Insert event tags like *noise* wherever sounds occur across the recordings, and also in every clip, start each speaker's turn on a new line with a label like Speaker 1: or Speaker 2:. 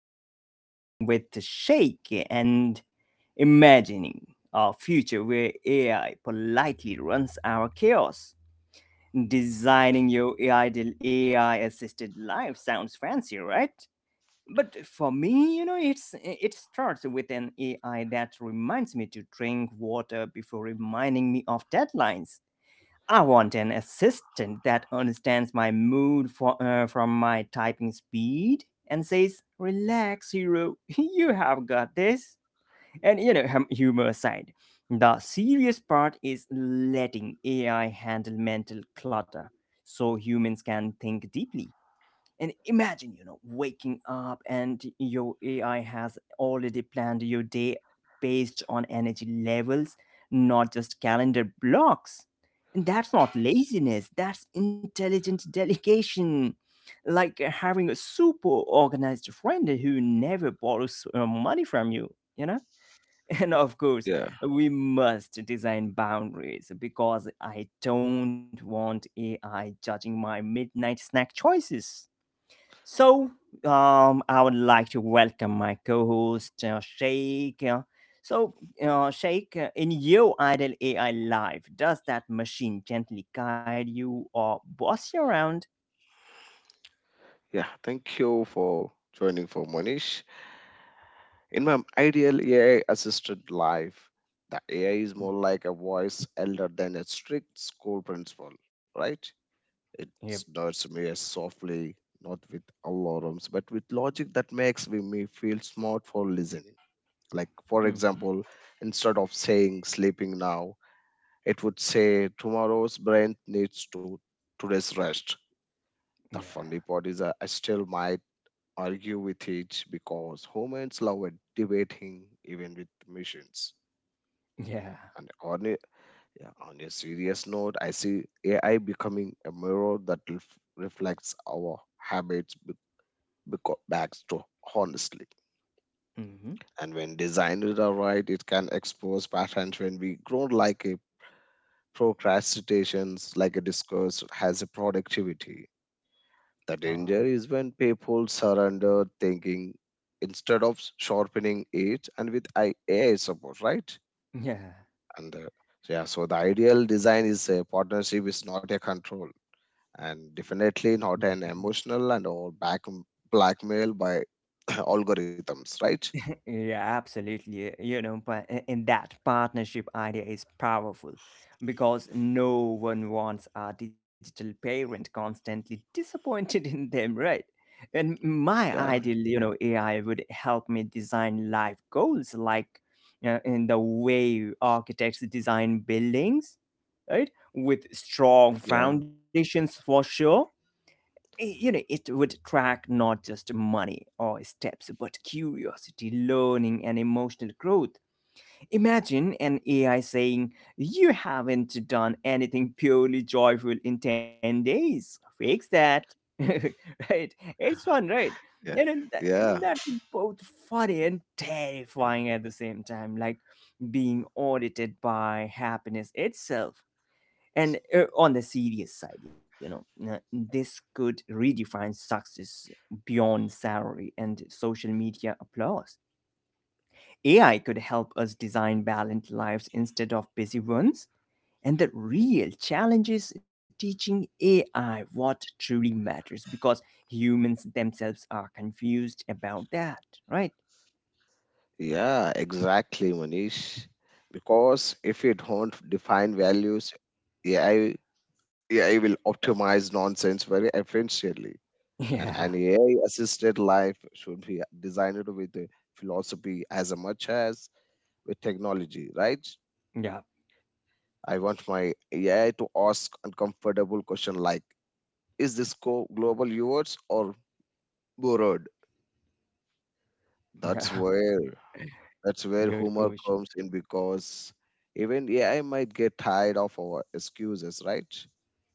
Speaker 1: I'm hosting with Shake and imagining a future where AI politely runs our chaos. Designing your ideal AI assisted life sounds fancy, right? But for me, you know, it starts with an AI that reminds me to drink water before reminding me of deadlines. I want an assistant that understands my mood from my typing speed and says, "Relax, hero, *laughs* you have got this." And you know, humor aside, the serious part is letting AI handle mental clutter so humans can think deeply. And imagine, you know, waking up and your AI has already planned your day based on energy levels, not just calendar blocks. And that's not laziness, that's intelligent delegation. Like having a super organized friend who never borrows money from you, you know? *laughs* And of course,
Speaker 2: Yeah,
Speaker 1: we must design boundaries because I don't want AI judging my midnight snack choices. So, I would like to welcome my co-host Sheikh. So, Sheikh, in your idle AI life, does that machine gently guide you or boss you around?
Speaker 2: yeah. Thank you for joining for Monish. In my ideal AI assisted life, the AI is more like a voice elder than a strict school principal, right? It
Speaker 1: Yep.
Speaker 2: nudges me softly, not with alarms, but with logic that makes me feel smart for listening. Like, for
Speaker 1: Hmm.
Speaker 2: example, instead of saying sleeping now, it would say tomorrow's brain needs to today's rest. The
Speaker 1: Yeah.
Speaker 2: funny part is I still might argue with it because humans love debating even with machines.
Speaker 1: *laughs* Yeah.
Speaker 2: And yeah, on a serious note, I see AI becoming a mirror that reflects our habits back to honestly.
Speaker 1: Hmm.
Speaker 2: And when designed are right, it can expose patterns when we grow like a procrastinations, like a discourse has a productivity. The
Speaker 1: Uh,
Speaker 2: danger is when people surrender thinking instead of sharpening it, and with AI support, right? And yeah, so the ideal design is a partnership, is not a control, and definitely
Speaker 1: yeah.
Speaker 2: not an emotional and or back blackmail by *coughs* *clears throat* algorithms, right?
Speaker 1: *laughs* Yeah, absolutely. You know, but in that, partnership idea is powerful because no one wants a digital parent constantly *laughs* disappointed in them, right? And my
Speaker 2: Yeah,
Speaker 1: ideal, you know, AI would help me design life goals like in the way architects design buildings, right? With strong
Speaker 2: yeah,
Speaker 1: foundations for sure. You know, it would track not just money or steps, but curiosity, learning and emotional growth. Imagine an AI saying, "You haven't done anything purely joyful in 10 days. Fix that." *laughs* Right? It's fun, right? You
Speaker 2: yeah,
Speaker 1: know, that,
Speaker 2: yeah.
Speaker 1: that's both funny and terrifying at the same time, like being audited by happiness itself. And on the serious side, you know, this could redefine success beyond salary and social media applause. AI could help us design balanced lives instead of busy ones. And the real challenge is teaching AI what truly matters, because humans themselves are confused about that, right?
Speaker 2: Yeah, exactly, Manish. Because if you don't define values, AI AI will optimize nonsense very efficiently.
Speaker 1: *laughs*
Speaker 2: And
Speaker 1: Yeah,
Speaker 2: an AI assisted life should be designed with a philosophy as much as with technology, right?
Speaker 1: yeah,
Speaker 2: I want my AI to ask uncomfortable question like, is this global yours or borrowed?
Speaker 1: yeah.
Speaker 2: That's where
Speaker 1: Good
Speaker 2: that's
Speaker 1: question.
Speaker 2: where humor comes in because even AI might get tired of our excuses, right?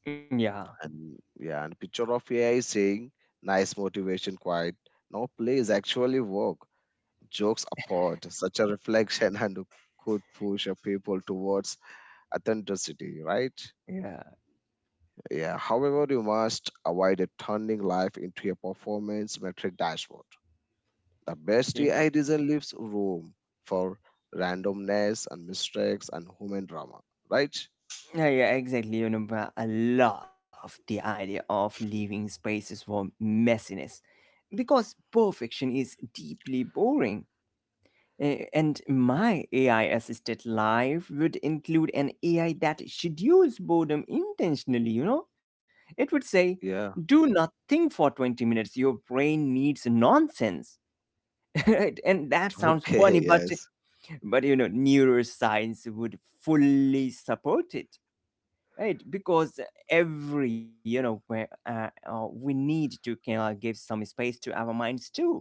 Speaker 1: Yeah,
Speaker 2: And picture of AI saying nice motivation quite. No, please actually work. Jokes apart, such a reflection *laughs* and could push a people towards authenticity, right?
Speaker 1: yeah,
Speaker 2: Yeah. However, you must avoid a turning life into a performance metric dashboard. The best
Speaker 1: yeah.
Speaker 2: AI design leaves room for randomness and mistakes and human drama, right?
Speaker 1: Yeah, yeah, exactly. You know, but I love the idea of leaving spaces for messiness, because perfection is deeply boring. Eh, and my AI assisted life would include an AI that schedules boredom intentionally, you know? It would say,
Speaker 2: Yeah. *laughs*
Speaker 1: "Do nothing for 20 minutes. Your brain needs nonsense." *laughs* Right? And that sounds
Speaker 2: Okay.
Speaker 1: funny,
Speaker 2: Yes.
Speaker 1: but you know, neuroscience would fully support it, right? Because every you know we need to give some space to our minds too.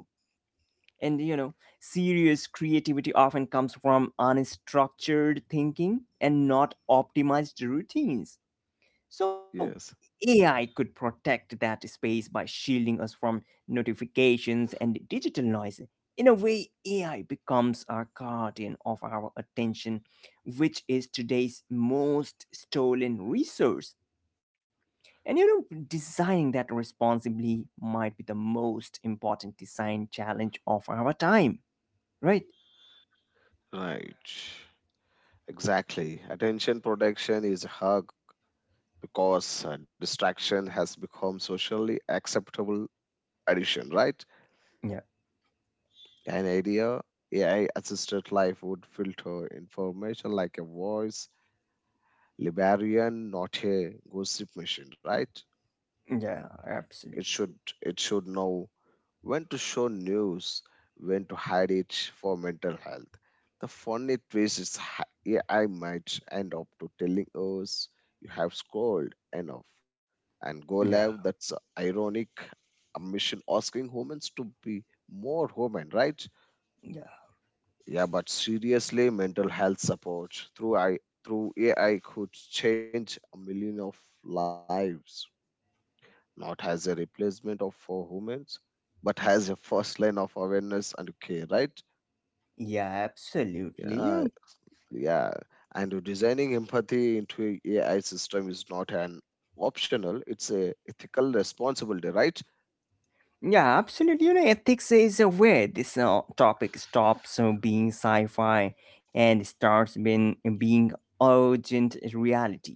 Speaker 1: And you know, serious creativity often comes from unstructured thinking and not optimized routines. So
Speaker 2: Yes.
Speaker 1: AI could protect that space by shielding us from notifications and digital noise. In a way, AI becomes our guardian of our attention, which is today's most stolen resource. And you know, designing that responsibly might be the most important design challenge of our time, right?
Speaker 2: Right. Exactly. Attention protection is hard because distraction has become socially acceptable addition, right?
Speaker 1: Yeah,
Speaker 2: An idea AI assisted life would filter information like a voice librarian, not a gossip machine, right?
Speaker 1: yeah, absolutely.
Speaker 2: It should it should know when to show news, when to hide it for mental health. The funny twist is AI might end up to telling us you have scrolled enough and
Speaker 1: Yeah,
Speaker 2: go live, that's ironic, a mission asking humans to be more human, right?
Speaker 1: yeah,
Speaker 2: Yeah, but seriously, mental health support through AI could change a million of lives, not as a replacement of for humans, but as a first line of awareness and care, right?
Speaker 1: yeah, absolutely. You
Speaker 2: Yeah,
Speaker 1: know,
Speaker 2: yeah. And designing empathy into a AI system is not an optional, it's a ethical responsibility, right?
Speaker 1: yeah, absolutely. You know, ethics is where this topic stops being sci-fi and starts being urgent reality.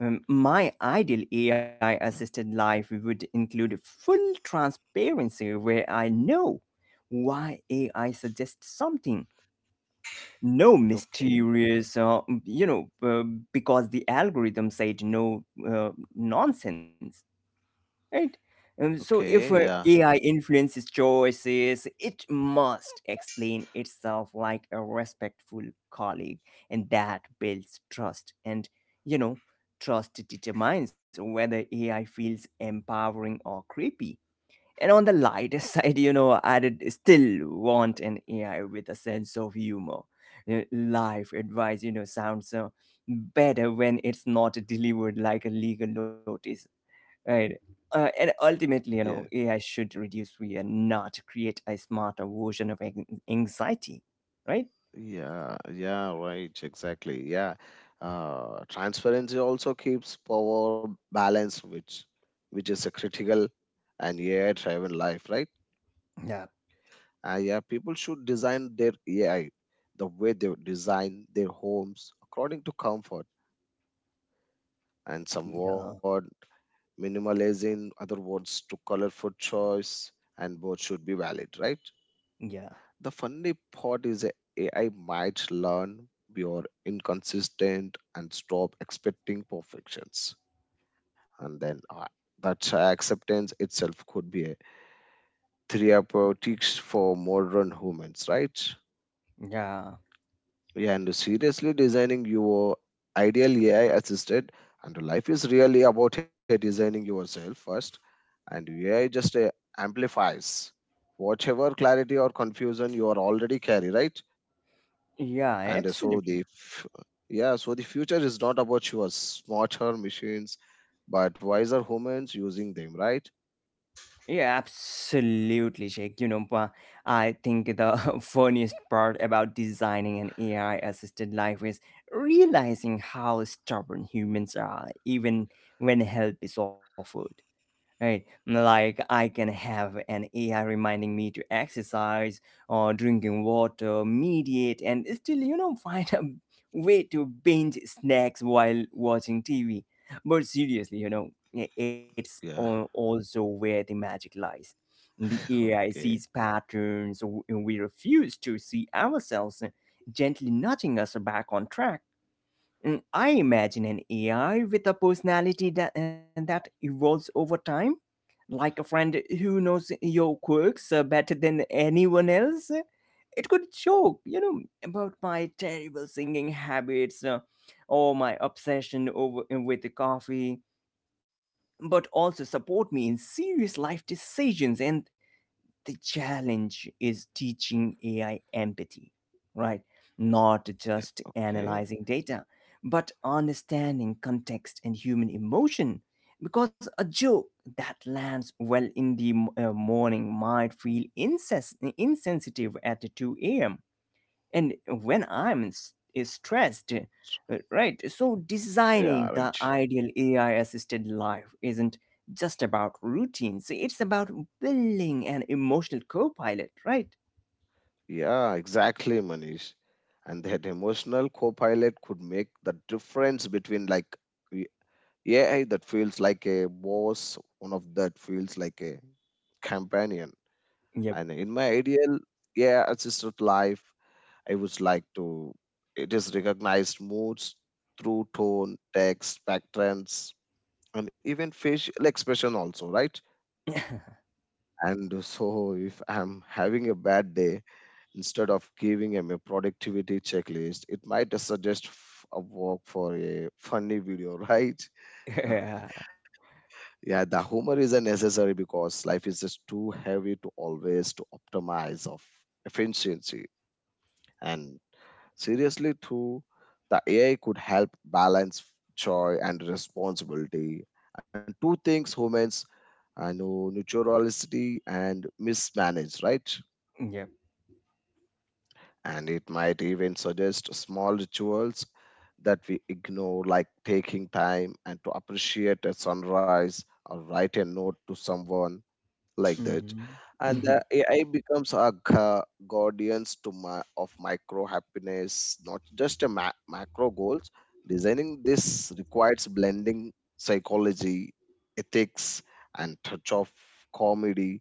Speaker 1: My ideal AI assisted life would include full transparency where I know why AI suggests something. No
Speaker 2: Okay.
Speaker 1: mysterious, "because the algorithm said no" nonsense, right? So, if
Speaker 2: Okay. Yeah.
Speaker 1: AI influences choices, it must explain itself like a respectful colleague, and that builds trust. And, you know, trust determines whether AI feels empowering or creepy. And on the lighter *laughs* side, you know, I'd still want an AI with a sense of humor. Life advice, you know, sounds better when it's not delivered like a legal notice. Right. And ultimately, you
Speaker 2: Yeah,
Speaker 1: know, AI should reduce fear, not create a smarter version of anxiety, right?
Speaker 2: yeah, yeah, right, exactly. Yeah. Transparency also keeps power balance, which is a critical and AI-driven life, right?
Speaker 1: Yeah,
Speaker 2: Yeah, people should design their AI the way they would design their homes according to comfort and
Speaker 1: yeah,
Speaker 2: somewhat minimalism, other words to colorful choice, and both should be valid, right?
Speaker 1: yeah,
Speaker 2: The funny part is AI might learn you're inconsistent and stop expecting perfections. And then that acceptance itself could be a therapeutic for modern humans, right?
Speaker 1: yeah,
Speaker 2: Yeah, and seriously designing your ideal AI assisted and life is really about designing yourself first, and AI just amplifies whatever clarity or confusion you are already carry, right?
Speaker 1: yeah,
Speaker 2: And
Speaker 1: absolutely.
Speaker 2: yeah, so the future is not about your smarter machines but wiser humans using them, right?
Speaker 1: Yeah, absolutely, Jake. You know, but I think the *laughs* funniest part about designing an AI assisted life is realizing how stubborn humans are, even when help is offered. Right, like I can have an AI reminding me to exercise or drinking water, mediate, and still, you know, *laughs* find a way to binge snacks while watching TV. But seriously, you know, it's
Speaker 2: Yeah.
Speaker 1: also where the magic lies. The
Speaker 2: *laughs*
Speaker 1: AI sees
Speaker 2: Okay.
Speaker 1: patterns we refuse to see ourselves, gently nudging us back on track. Mm, I imagine an AI with a personality that, that evolves over time, like a friend who knows your quirks better than anyone else. It could joke, you know, about my terrible singing habits or my obsession over with the coffee, but also support me in serious life decisions. And the challenge is teaching AI empathy, right? Not
Speaker 2: Yeah.
Speaker 1: just
Speaker 2: Okay.
Speaker 1: analyzing data, but understanding context and human emotion. Because a joke that lands well in the morning might feel insensitive at 2 a.m. and when is stressed. Right, so
Speaker 2: Yeah.
Speaker 1: designing the
Speaker 2: Right.
Speaker 1: ideal AI assisted life isn't just about routines, it's about building an emotional co-pilot, right?
Speaker 2: Yeah, exactly, Manish. And that emotional co-pilot could make the difference between like y- yeah, that feels like a boss one of that feels like a companion. And
Speaker 1: Yep.
Speaker 2: in my ideal, yeah, assisted life, I would like to. It is recognized moods through tone, text, patterns, and even facial expression also, right?
Speaker 1: *laughs*
Speaker 2: And so, if I'm having a bad day, instead of giving him a productivity checklist, it might suggest a walk for a funny video, right?
Speaker 1: Yeah.
Speaker 2: *laughs* Yeah, the humor is a necessary because life is just too heavy to always to optimize of efficiency. And seriously, too, the AI could help balance joy and responsibility, and two things humans know naturality and mismanage, right?
Speaker 1: Yep.
Speaker 2: And it might even suggest small rituals that we ignore, like taking time and to appreciate a sunrise or write a note to someone like that.
Speaker 1: Hmm.
Speaker 2: And
Speaker 1: *laughs*
Speaker 2: the AI becomes a guardians to my of micro happiness, not just a macro goals. Designing this requires blending psychology, ethics, and touch of comedy,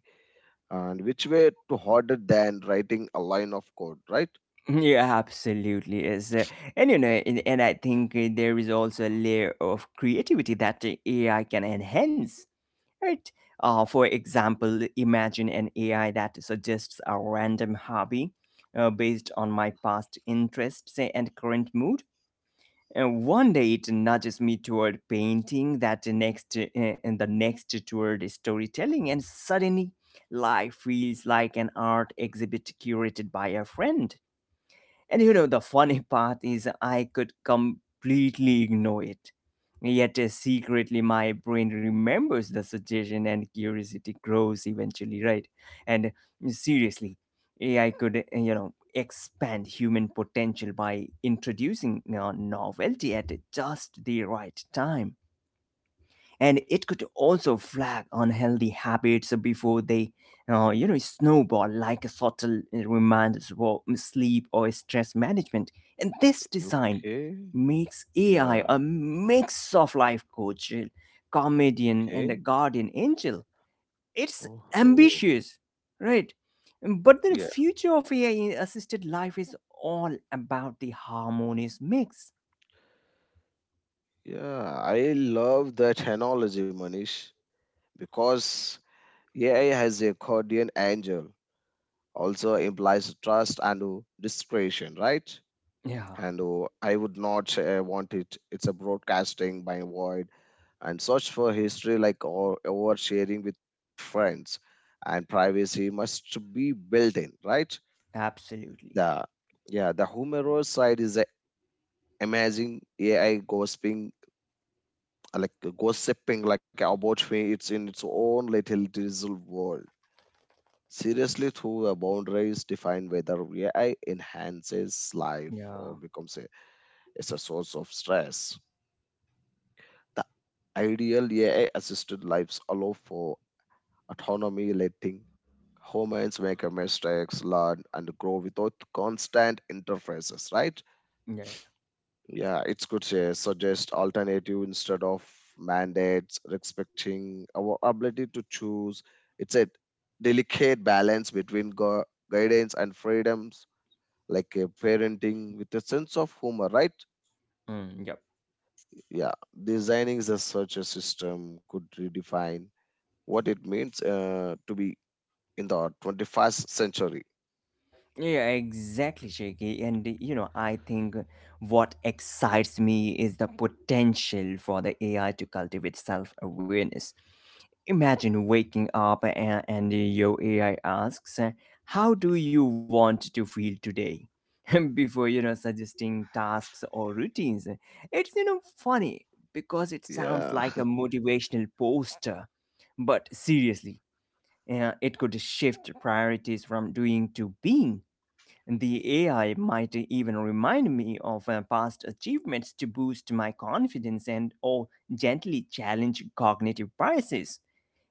Speaker 2: and which way to harder than writing a line of code, right?
Speaker 1: Yeah, absolutely is. And you know, and I think there is also a layer of creativity that AI can enhance. Right. For example, imagine an AI that suggests a random hobby based on my past interests and current mood. And one day it nudges me toward painting, and the next toward storytelling, and suddenly life feels like an art exhibit curated by a friend. And you know, the funny *laughs* part is I could completely ignore it. Yet secretly, my brain remembers the suggestion and curiosity grows eventually, right? And seriously, AI could, you know, expand human potential by introducing novelty at just the right time. And it could also flag unhealthy habits before they you know, snowball, like a subtle reminders for sleep or stress management. And this design
Speaker 2: Okay.
Speaker 1: makes AI
Speaker 2: Yeah.
Speaker 1: a mix of life coach, comedian and
Speaker 2: Okay.
Speaker 1: a guardian angel. It's
Speaker 2: Oh.
Speaker 1: ambitious, right? But the
Speaker 2: Yeah,
Speaker 1: future of AI assisted life is all about the harmonious mix.
Speaker 2: yeah, I love that analogy, Manish, because AI has a guardian angel also implies trust and discretion, right?
Speaker 1: Yeah,
Speaker 2: And I would not want it. It's a broadcasting by void and search for history like or oversharing with friends, and privacy must be built in, right?
Speaker 1: absolutely.
Speaker 2: The yeah the humorous side is a amazing AI like gossiping like about me, it's in its own little digital world. Seriously through a boundaries define whether AI enhances life
Speaker 1: Yeah,
Speaker 2: or becomes a, is a source of stress. The ideal AI assisted lives allow for autonomy, letting humans make a mistakes, learn and grow without constant interfaces, right?
Speaker 1: yeah,
Speaker 2: Yeah, it could say, suggest alternative instead of mandates, respecting our ability to choose. It's a delicate balance between guidance and freedoms, like a parenting with a sense of humor, right?
Speaker 1: mm, yeah.
Speaker 2: Yeah, designing the such a system could redefine what it means to be in the 21st century.
Speaker 1: Yeah, exactly, Shaky. And you know, I think what excites me is the potential for the AI to cultivate self awareness. Imagine waking up and your AI asks, "How do you want to feel today?" *laughs* Before, you know, suggesting tasks or routines. It's, you know, funny because it sounds
Speaker 2: Yeah,
Speaker 1: like a motivational poster. But seriously, it could shift priorities from doing to being. The AI might even remind me of past achievements to boost my confidence and or gently challenge cognitive biases.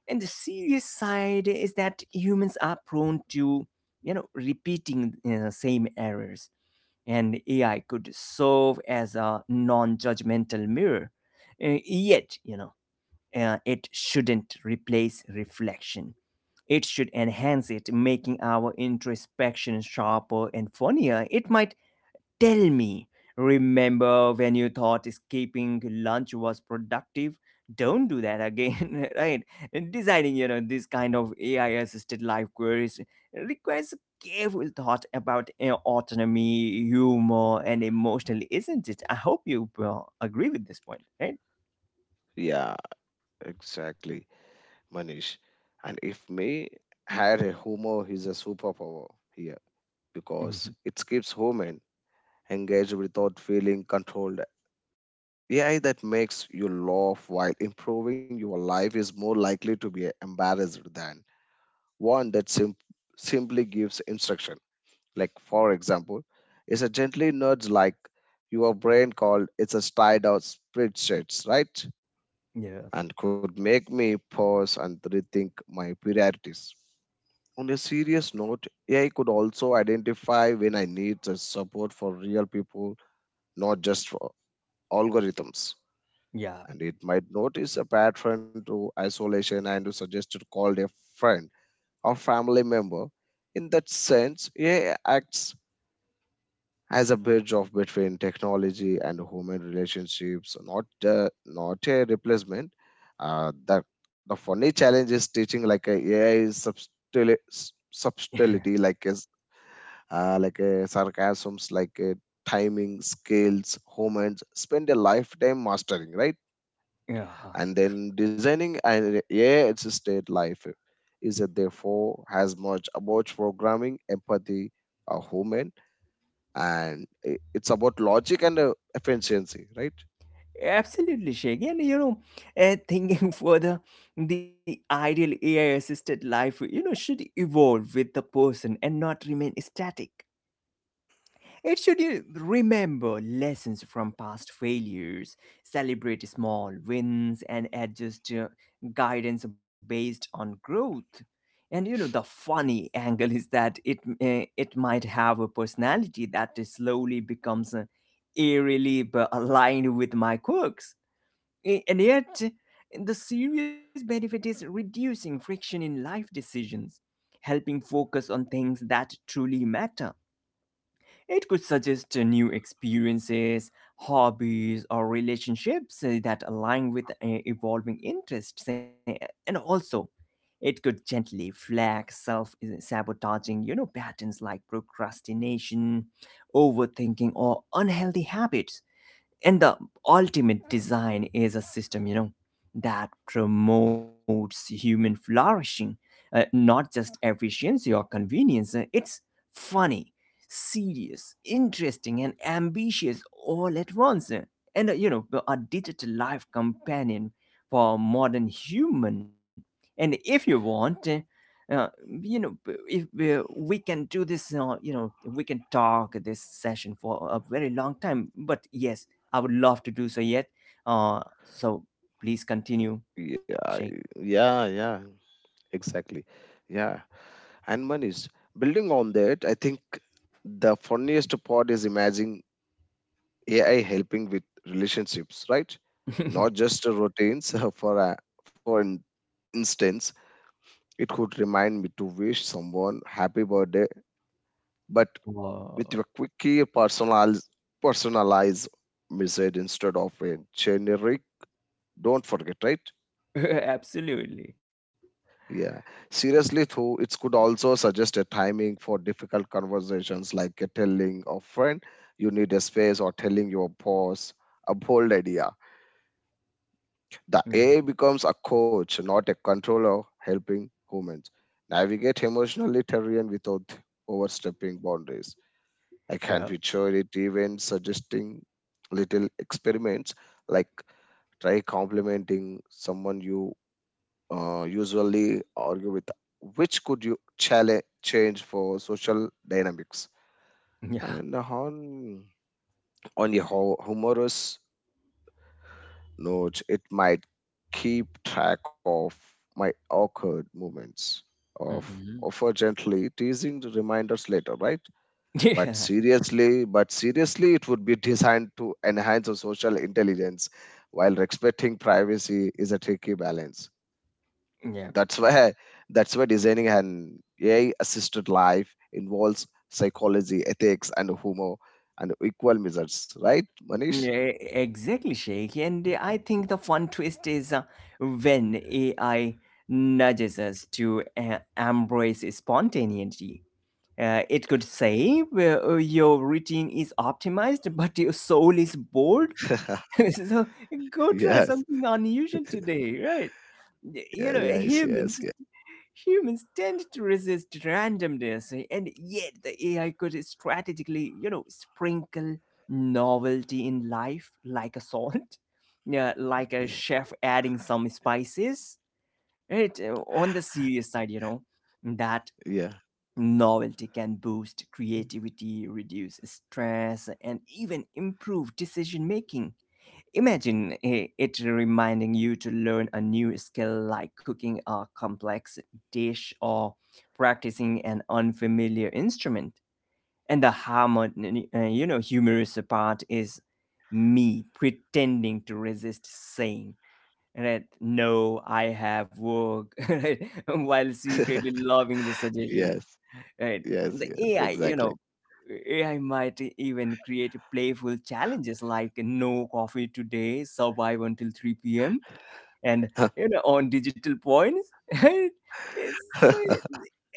Speaker 1: And the serious side is that humans are prone to, you know, repeating same errors, and AI could serve as a non-judgmental mirror. Yet, you know, it shouldn't replace reflection. It should enhance it, making our introspection sharper and funnier. It might tell me, "Remember when you thought skipping lunch was productive? Don't do that again," *laughs* right? And designing, you know, this kind of AI assisted life queries requires careful thought about you know, autonomy, humor, and emotional, isn't it? I hope you agree with this point, right?
Speaker 2: *laughs* yeah, exactly, Manish. And if me had a humor, he's a superpower here because
Speaker 1: Mhm.
Speaker 2: it keeps human engaged without feeling controlled. AI that makes you laugh while improving your life is more likely to be embarrassed than one that simply gives instruction. Like, for example, it's a gently nudge like your brain called it's a tied out spreadsheets, right?
Speaker 1: Yeah,
Speaker 2: And could make me pause and rethink my priorities. On a serious note, AI could also identify when I need the support for real people, not just for algorithms.
Speaker 1: yeah,
Speaker 2: And it might notice a pattern to isolation and to suggest to call a friend or family member. In that sense, AI acts as a bridge of between technology and human relationships, not not a replacement. Uh, the the funny challenge is teaching like a AI is
Speaker 1: *laughs*
Speaker 2: subtlety, like is like a sarcasms, like a timing, scales, humans spend a lifetime mastering, right?
Speaker 1: yeah.
Speaker 2: And then designing an AI assisted life is therefore has much about programming, empathy, a human, and it's about logic and efficiency, right?
Speaker 1: Absolutely, Sheikh. And you know, thinking *laughs* further, the ideal AI assisted life, you know, should evolve with the person and not remain static. It should you remember lessons from past failures, celebrate small wins, and adjust guidance based on growth. And you know, the funny angle is that it it might have a personality that is slowly becomes eerily aligned with my quirks. And yet the serious benefit is reducing friction in life decisions, helping focus on things that truly matter. It could suggest new experiences, hobbies, or relationships that align with evolving interests. And also, it could gently flag self sabotaging, you know, patterns like procrastination, overthinking, or unhealthy habits. And the ultimate design is a system, you know, that promotes human flourishing, not just efficiency or convenience. It's funny, serious, interesting and ambitious all at once. And you know, a digital life companion for modern human. And if you want uh, you know, if uh, we can do this, you know, we can talk this session for a very long time, but yes, I would love to do so yet. Uh, so please continue,
Speaker 2: Yeah,
Speaker 1: Sheikh.
Speaker 2: yeah, yeah, exactly. Yeah, and Manish, building on that, I think the funniest part is imagining AI helping with relationships, right? Not
Speaker 1: *laughs*
Speaker 2: just routines. *laughs* For instance, it could remind me to wish someone happy birthday, but with
Speaker 1: Wow.
Speaker 2: a quickie personalized message instead of a generic. Don't forget, right?
Speaker 1: *laughs* Absolutely.
Speaker 2: Yeah. Seriously, though, it could also suggest a timing for difficult conversations, like a telling a friend you need a space or telling your boss a bold idea. The
Speaker 1: Mm,
Speaker 2: A becomes a coach, not a controller, helping humans navigate emotionally terrain without overstepping boundaries. I
Speaker 1: yeah.
Speaker 2: can picture it even suggesting little experiments like try complimenting someone you usually argue with, which could you challenge change for social dynamics.
Speaker 1: Yeah.
Speaker 2: And on a humorous note, it might keep track of my awkward moments of
Speaker 1: Hmm.
Speaker 2: offer gently teasing the reminders later, right?
Speaker 1: *laughs* Yeah.
Speaker 2: But seriously, it would be designed to enhance our social intelligence while respecting privacy is a tricky balance.
Speaker 1: Yeah.
Speaker 2: That's why that's why designing an AI assisted life involves psychology, ethics, and humor, and equal measures, right, Manish?
Speaker 1: Yeah, exactly, Sheikh. And I think the fun twist is when AI nudges us to embrace spontaneity. It could say, "Well, your routine is optimized, but your soul is bored.
Speaker 2: *laughs*
Speaker 1: *laughs* So go try
Speaker 2: Yes.
Speaker 1: something unusual today," right?
Speaker 2: Yeah,
Speaker 1: You know,
Speaker 2: yes, yes,
Speaker 1: humans
Speaker 2: yeah,
Speaker 1: humans tend to resist randomness, eh, and yet the ai could strategically, sprinkle novelty in life like a salt. *laughs* Yeah, like a chef adding some spices, right. On the serious side, that
Speaker 2: yeah.
Speaker 1: novelty can boost creativity, reduce stress, and even improve decision making. Imagine it reminding you to learn a new skill, like cooking a complex dish or practicing an unfamiliar instrument. And the harmony, humorous part is me pretending to resist, saying, "Right, no, I have work." *laughs* Right, while
Speaker 2: *laughs*
Speaker 1: secretly loving the suggestion,
Speaker 2: Yes,
Speaker 1: right. And
Speaker 2: yes,
Speaker 1: the
Speaker 2: yes,
Speaker 1: ai you
Speaker 2: exactly.
Speaker 1: know ai might even create playful challenges like, "No coffee today, survive until 3 p.m." And, on digital points. *laughs* And it's so.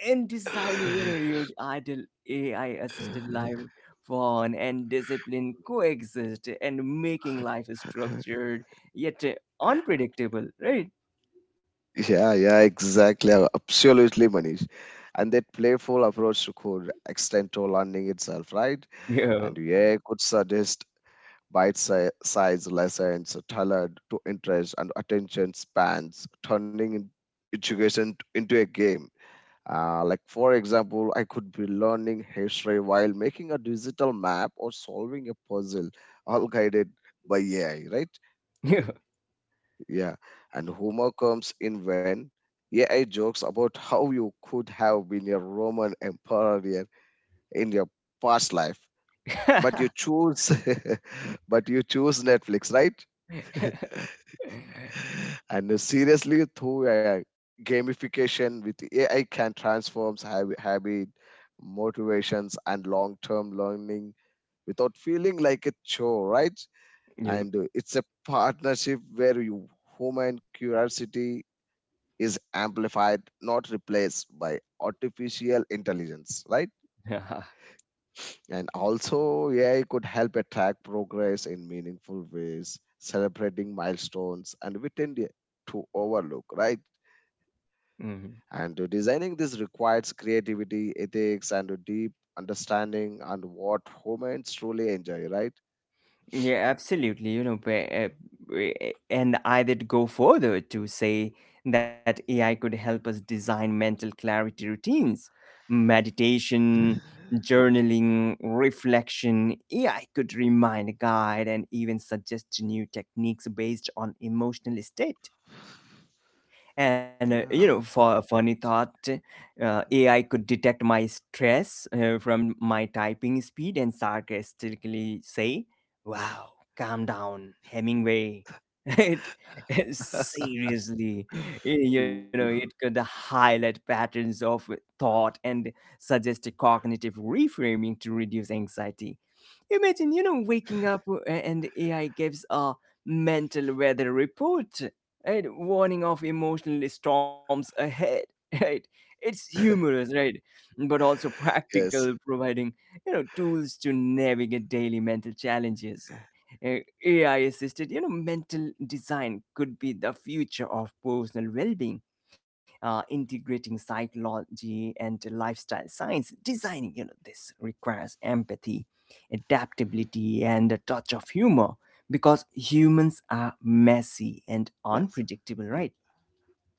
Speaker 1: And design,
Speaker 2: *laughs*
Speaker 1: your ideal ai assisted life, fun and discipline coexist, and making life structured yet unpredictable, right?
Speaker 2: Yeah, yeah, exactly. Absolutely, Manish. And that playful approach could extend to learning itself, right?
Speaker 1: Yeah,
Speaker 2: And yeah, could suggest bite-sized lessons tailored to interest and attention spans, turning education into a game. Like, for example, I could be learning history while making a digital map or solving a puzzle, all guided by AI, right?
Speaker 1: yeah.
Speaker 2: Yeah, and humor comes in when AI jokes about how you could have been a Roman emperor in your past life, but you
Speaker 1: *laughs*
Speaker 2: choose, *laughs* but you choose Netflix, right? *laughs* And seriously, through gamification with AI can transforms habit, motivations, and long-term learning without feeling like a chore, right?
Speaker 1: Yeah.
Speaker 2: And it's a partnership where you human curiosity is amplified, not replaced by artificial intelligence, right?
Speaker 1: *laughs* Yeah.
Speaker 2: And also, AI could help track progress in meaningful ways, celebrating milestones, and we tend to overlook, right?
Speaker 1: Mhm.
Speaker 2: And designing this requires creativity, ethics, and a deep understanding on what humans truly enjoy, right?
Speaker 1: Yeah, absolutely. You know, but, and I did go further to say that AI could help us design mental clarity routines, meditation, journaling, reflection. AI could remind, guide, and even suggest new techniques based on emotional state. And,
Speaker 2: Yeah.
Speaker 1: for a funny thought, AI could detect my stress from my typing speed and sarcastically say, "Wow, calm down, Hemingway." *laughs* It. *laughs*
Speaker 2: *laughs*
Speaker 1: Seriously,
Speaker 2: Ooh.
Speaker 1: it could highlight patterns of thought and suggest a cognitive reframing to reduce anxiety. Imagine, waking up and AI gives a mental weather report, right? Warning of emotional storms ahead. *laughs* Right? It's humorous, right? But also practical,
Speaker 2: Yes.
Speaker 1: providing, tools to navigate daily mental challenges. AI assisted, mental design could be the future of personal well being. Integrating psychology and lifestyle science, designing, this requires empathy, adaptability, and a touch of humor, because humans are messy and
Speaker 2: Yes.
Speaker 1: unpredictable, right?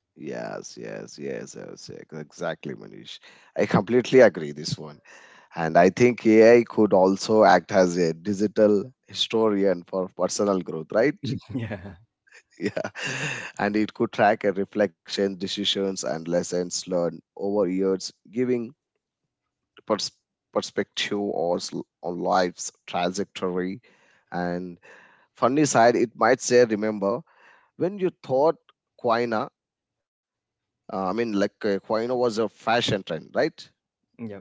Speaker 2: Yes, yes, yes, I was exactly, Manish. I completely agree this one. And I think AI could also act as a digital historian for personal growth, right?
Speaker 1: *laughs* Yeah.
Speaker 2: *laughs* Yeah. And it could track a reflection, decisions, and lessons learned over years, giving pers- perspective on life's trajectory. And funny side, it might say, remember, when you thought quina I mean, like Quino was a fashion trend, right?
Speaker 1: Yep.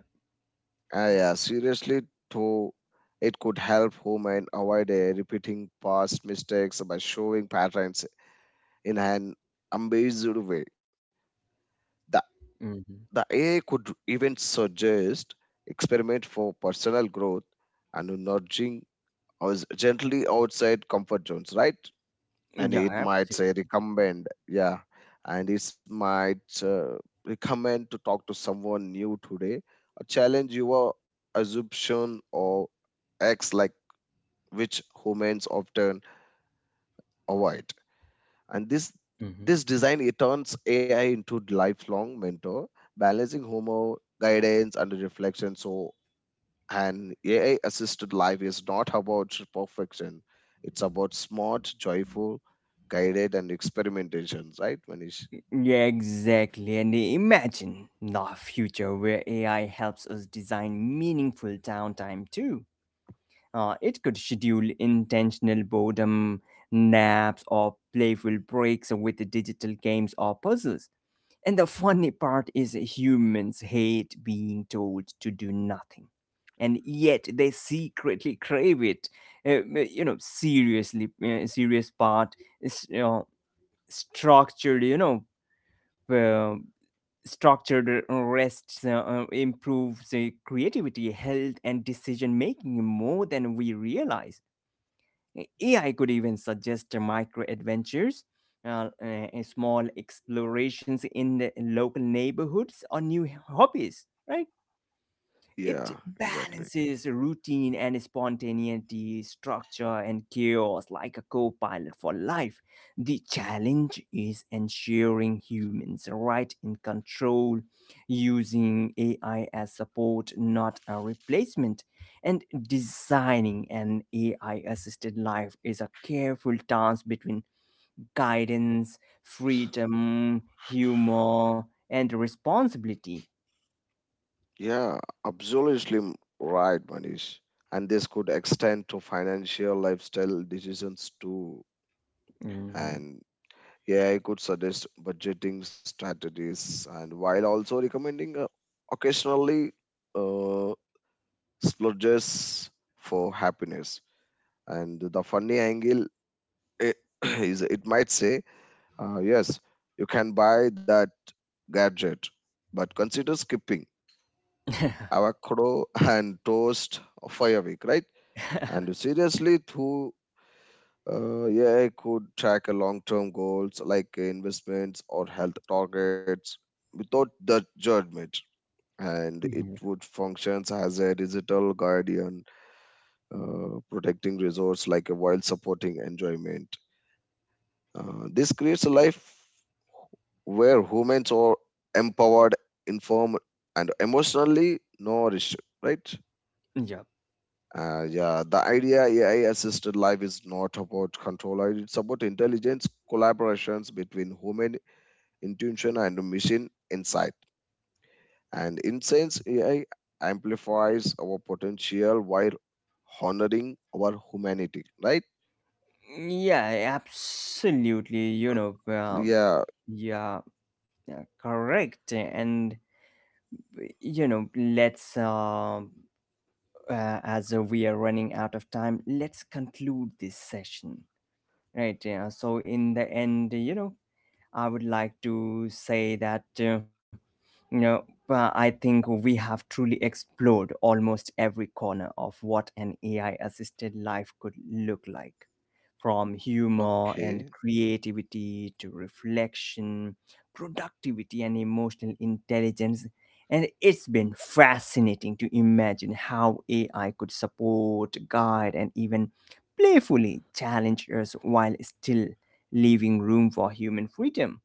Speaker 2: Yeah, seriously, to it could help women avoid repeating past mistakes by showing patterns in an ambiguous way. The
Speaker 1: Mm-hmm.
Speaker 2: the AI could even suggest experiment for personal growth and nudging us gently outside comfort zones, right? and
Speaker 1: Yeah,
Speaker 2: it might
Speaker 1: absolutely.
Speaker 2: say recommend yeah and it might recommend to talk to someone new today, or challenge your assumption or acts like, which humans often avoid. And this design, it turns AI into lifelong mentor, balancing humor, guidance and reflection. So, and AI assisted life is not about perfection, it's about smart, joyful, guided, and experimentation, right, Manish?
Speaker 1: Mm-hmm. Yeah, exactly. And imagine the future where AI helps us design meaningful downtime too. It could schedule intentional boredom, naps, or playful breaks with the digital games or puzzles. And the funny part is, humans hate being told to do nothing. And yet they secretly crave it. Seriously, serious part is, structured, you know, uh, structured rests improves creativity, health, and decision making more than we realize. AI could even suggest micro adventures, small explorations in the local neighborhoods, or new hobbies, right? It
Speaker 2: Yeah, exactly.
Speaker 1: balances routine and spontaneity, structure and chaos, like a co pilot for life. The challenge is ensuring humans are right in control, using AI as support, not a replacement. And designing an AI assisted life is a careful dance between guidance, freedom, humor, and responsibility.
Speaker 2: Yeah, absolutely right, Manish. And this could extend to financial lifestyle decisions too.
Speaker 1: Mhm.
Speaker 2: And yeah, I could suggest budgeting strategies, and while also recommending occasionally uh, splurges for happiness. And the funny angle i- *clears throat* is it might say, yes, you can buy that gadget but consider skipping
Speaker 1: *laughs*
Speaker 2: avocado *laughs* and toast for a week, right? And seriously through yeah, I could track a long-term goals like investments or health targets without the judgment. And it
Speaker 1: Mhm.
Speaker 2: would functions as a digital guardian, protecting resource like while supporting enjoyment. This creates a life where humans are empowered, informed, and emotionally nourished, right?
Speaker 1: Yeah.
Speaker 2: Yeah, the idea AI assisted life is not about control, right? It's about intelligence, collaborations between human intuition and machine insight. And in sense, AI amplifies our potential while honoring our humanity, right?
Speaker 1: Yeah, absolutely. You know,
Speaker 2: Yeah,
Speaker 1: yeah, yeah, correct. And, you know, as we are running out of time, let's conclude this session. Right. Yeah. So, in the end, I would like to say that you know I think we have truly explored almost every corner of what an AI assisted life could look like, from humor
Speaker 2: okay.
Speaker 1: and creativity to reflection, productivity, and emotional intelligence. And it's been fascinating to imagine how AI could support, guide, and even playfully challenge us, while still leaving room for human freedom.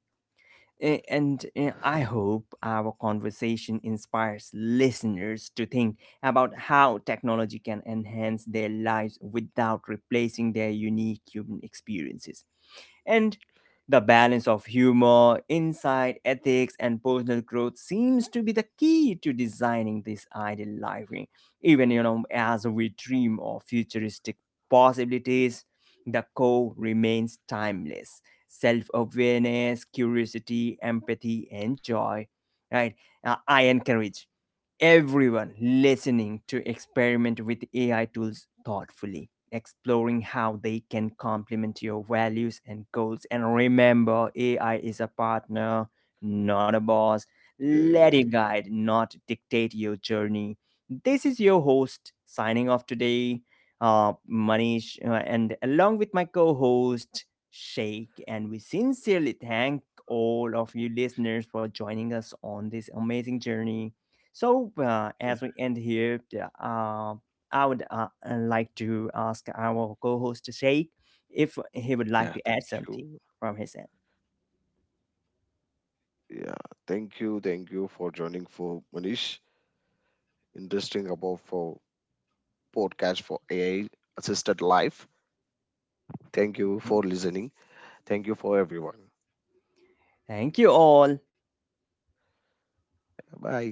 Speaker 1: And I hope our conversation inspires listeners to think about how technology can enhance their lives without replacing their unique human experiences. And the balance of humor, insight, ethics, and personal growth seems to be the key to designing this ideal life. Eh. Even, as we dream of futuristic possibilities, the core remains timeless. Self-awareness, curiosity, empathy, and joy. Right? I encourage everyone listening to experiment with AI tools thoughtfully, exploring how they can complement your values and goals. And remember, AI is a partner, not a boss. Let
Speaker 2: Okay.
Speaker 1: it guide, not dictate your journey. This is your host signing off today, Manish, and along with my co host, Sheikh. And we sincerely thank all of you listeners for joining us on this amazing journey. So,
Speaker 2: Yeah,
Speaker 1: as we end here, uh, I would like to ask our co host Sheikh if he would like
Speaker 2: yeah,
Speaker 1: to add
Speaker 2: thank
Speaker 1: something
Speaker 2: you.
Speaker 1: from his end.
Speaker 2: Yeah, thank you for joining for Manish. Interesting about for podcast for AI assisted life. Thank you for
Speaker 1: Mhm.
Speaker 2: listening. Thank you for everyone.
Speaker 1: Thank you all.
Speaker 2: Bye.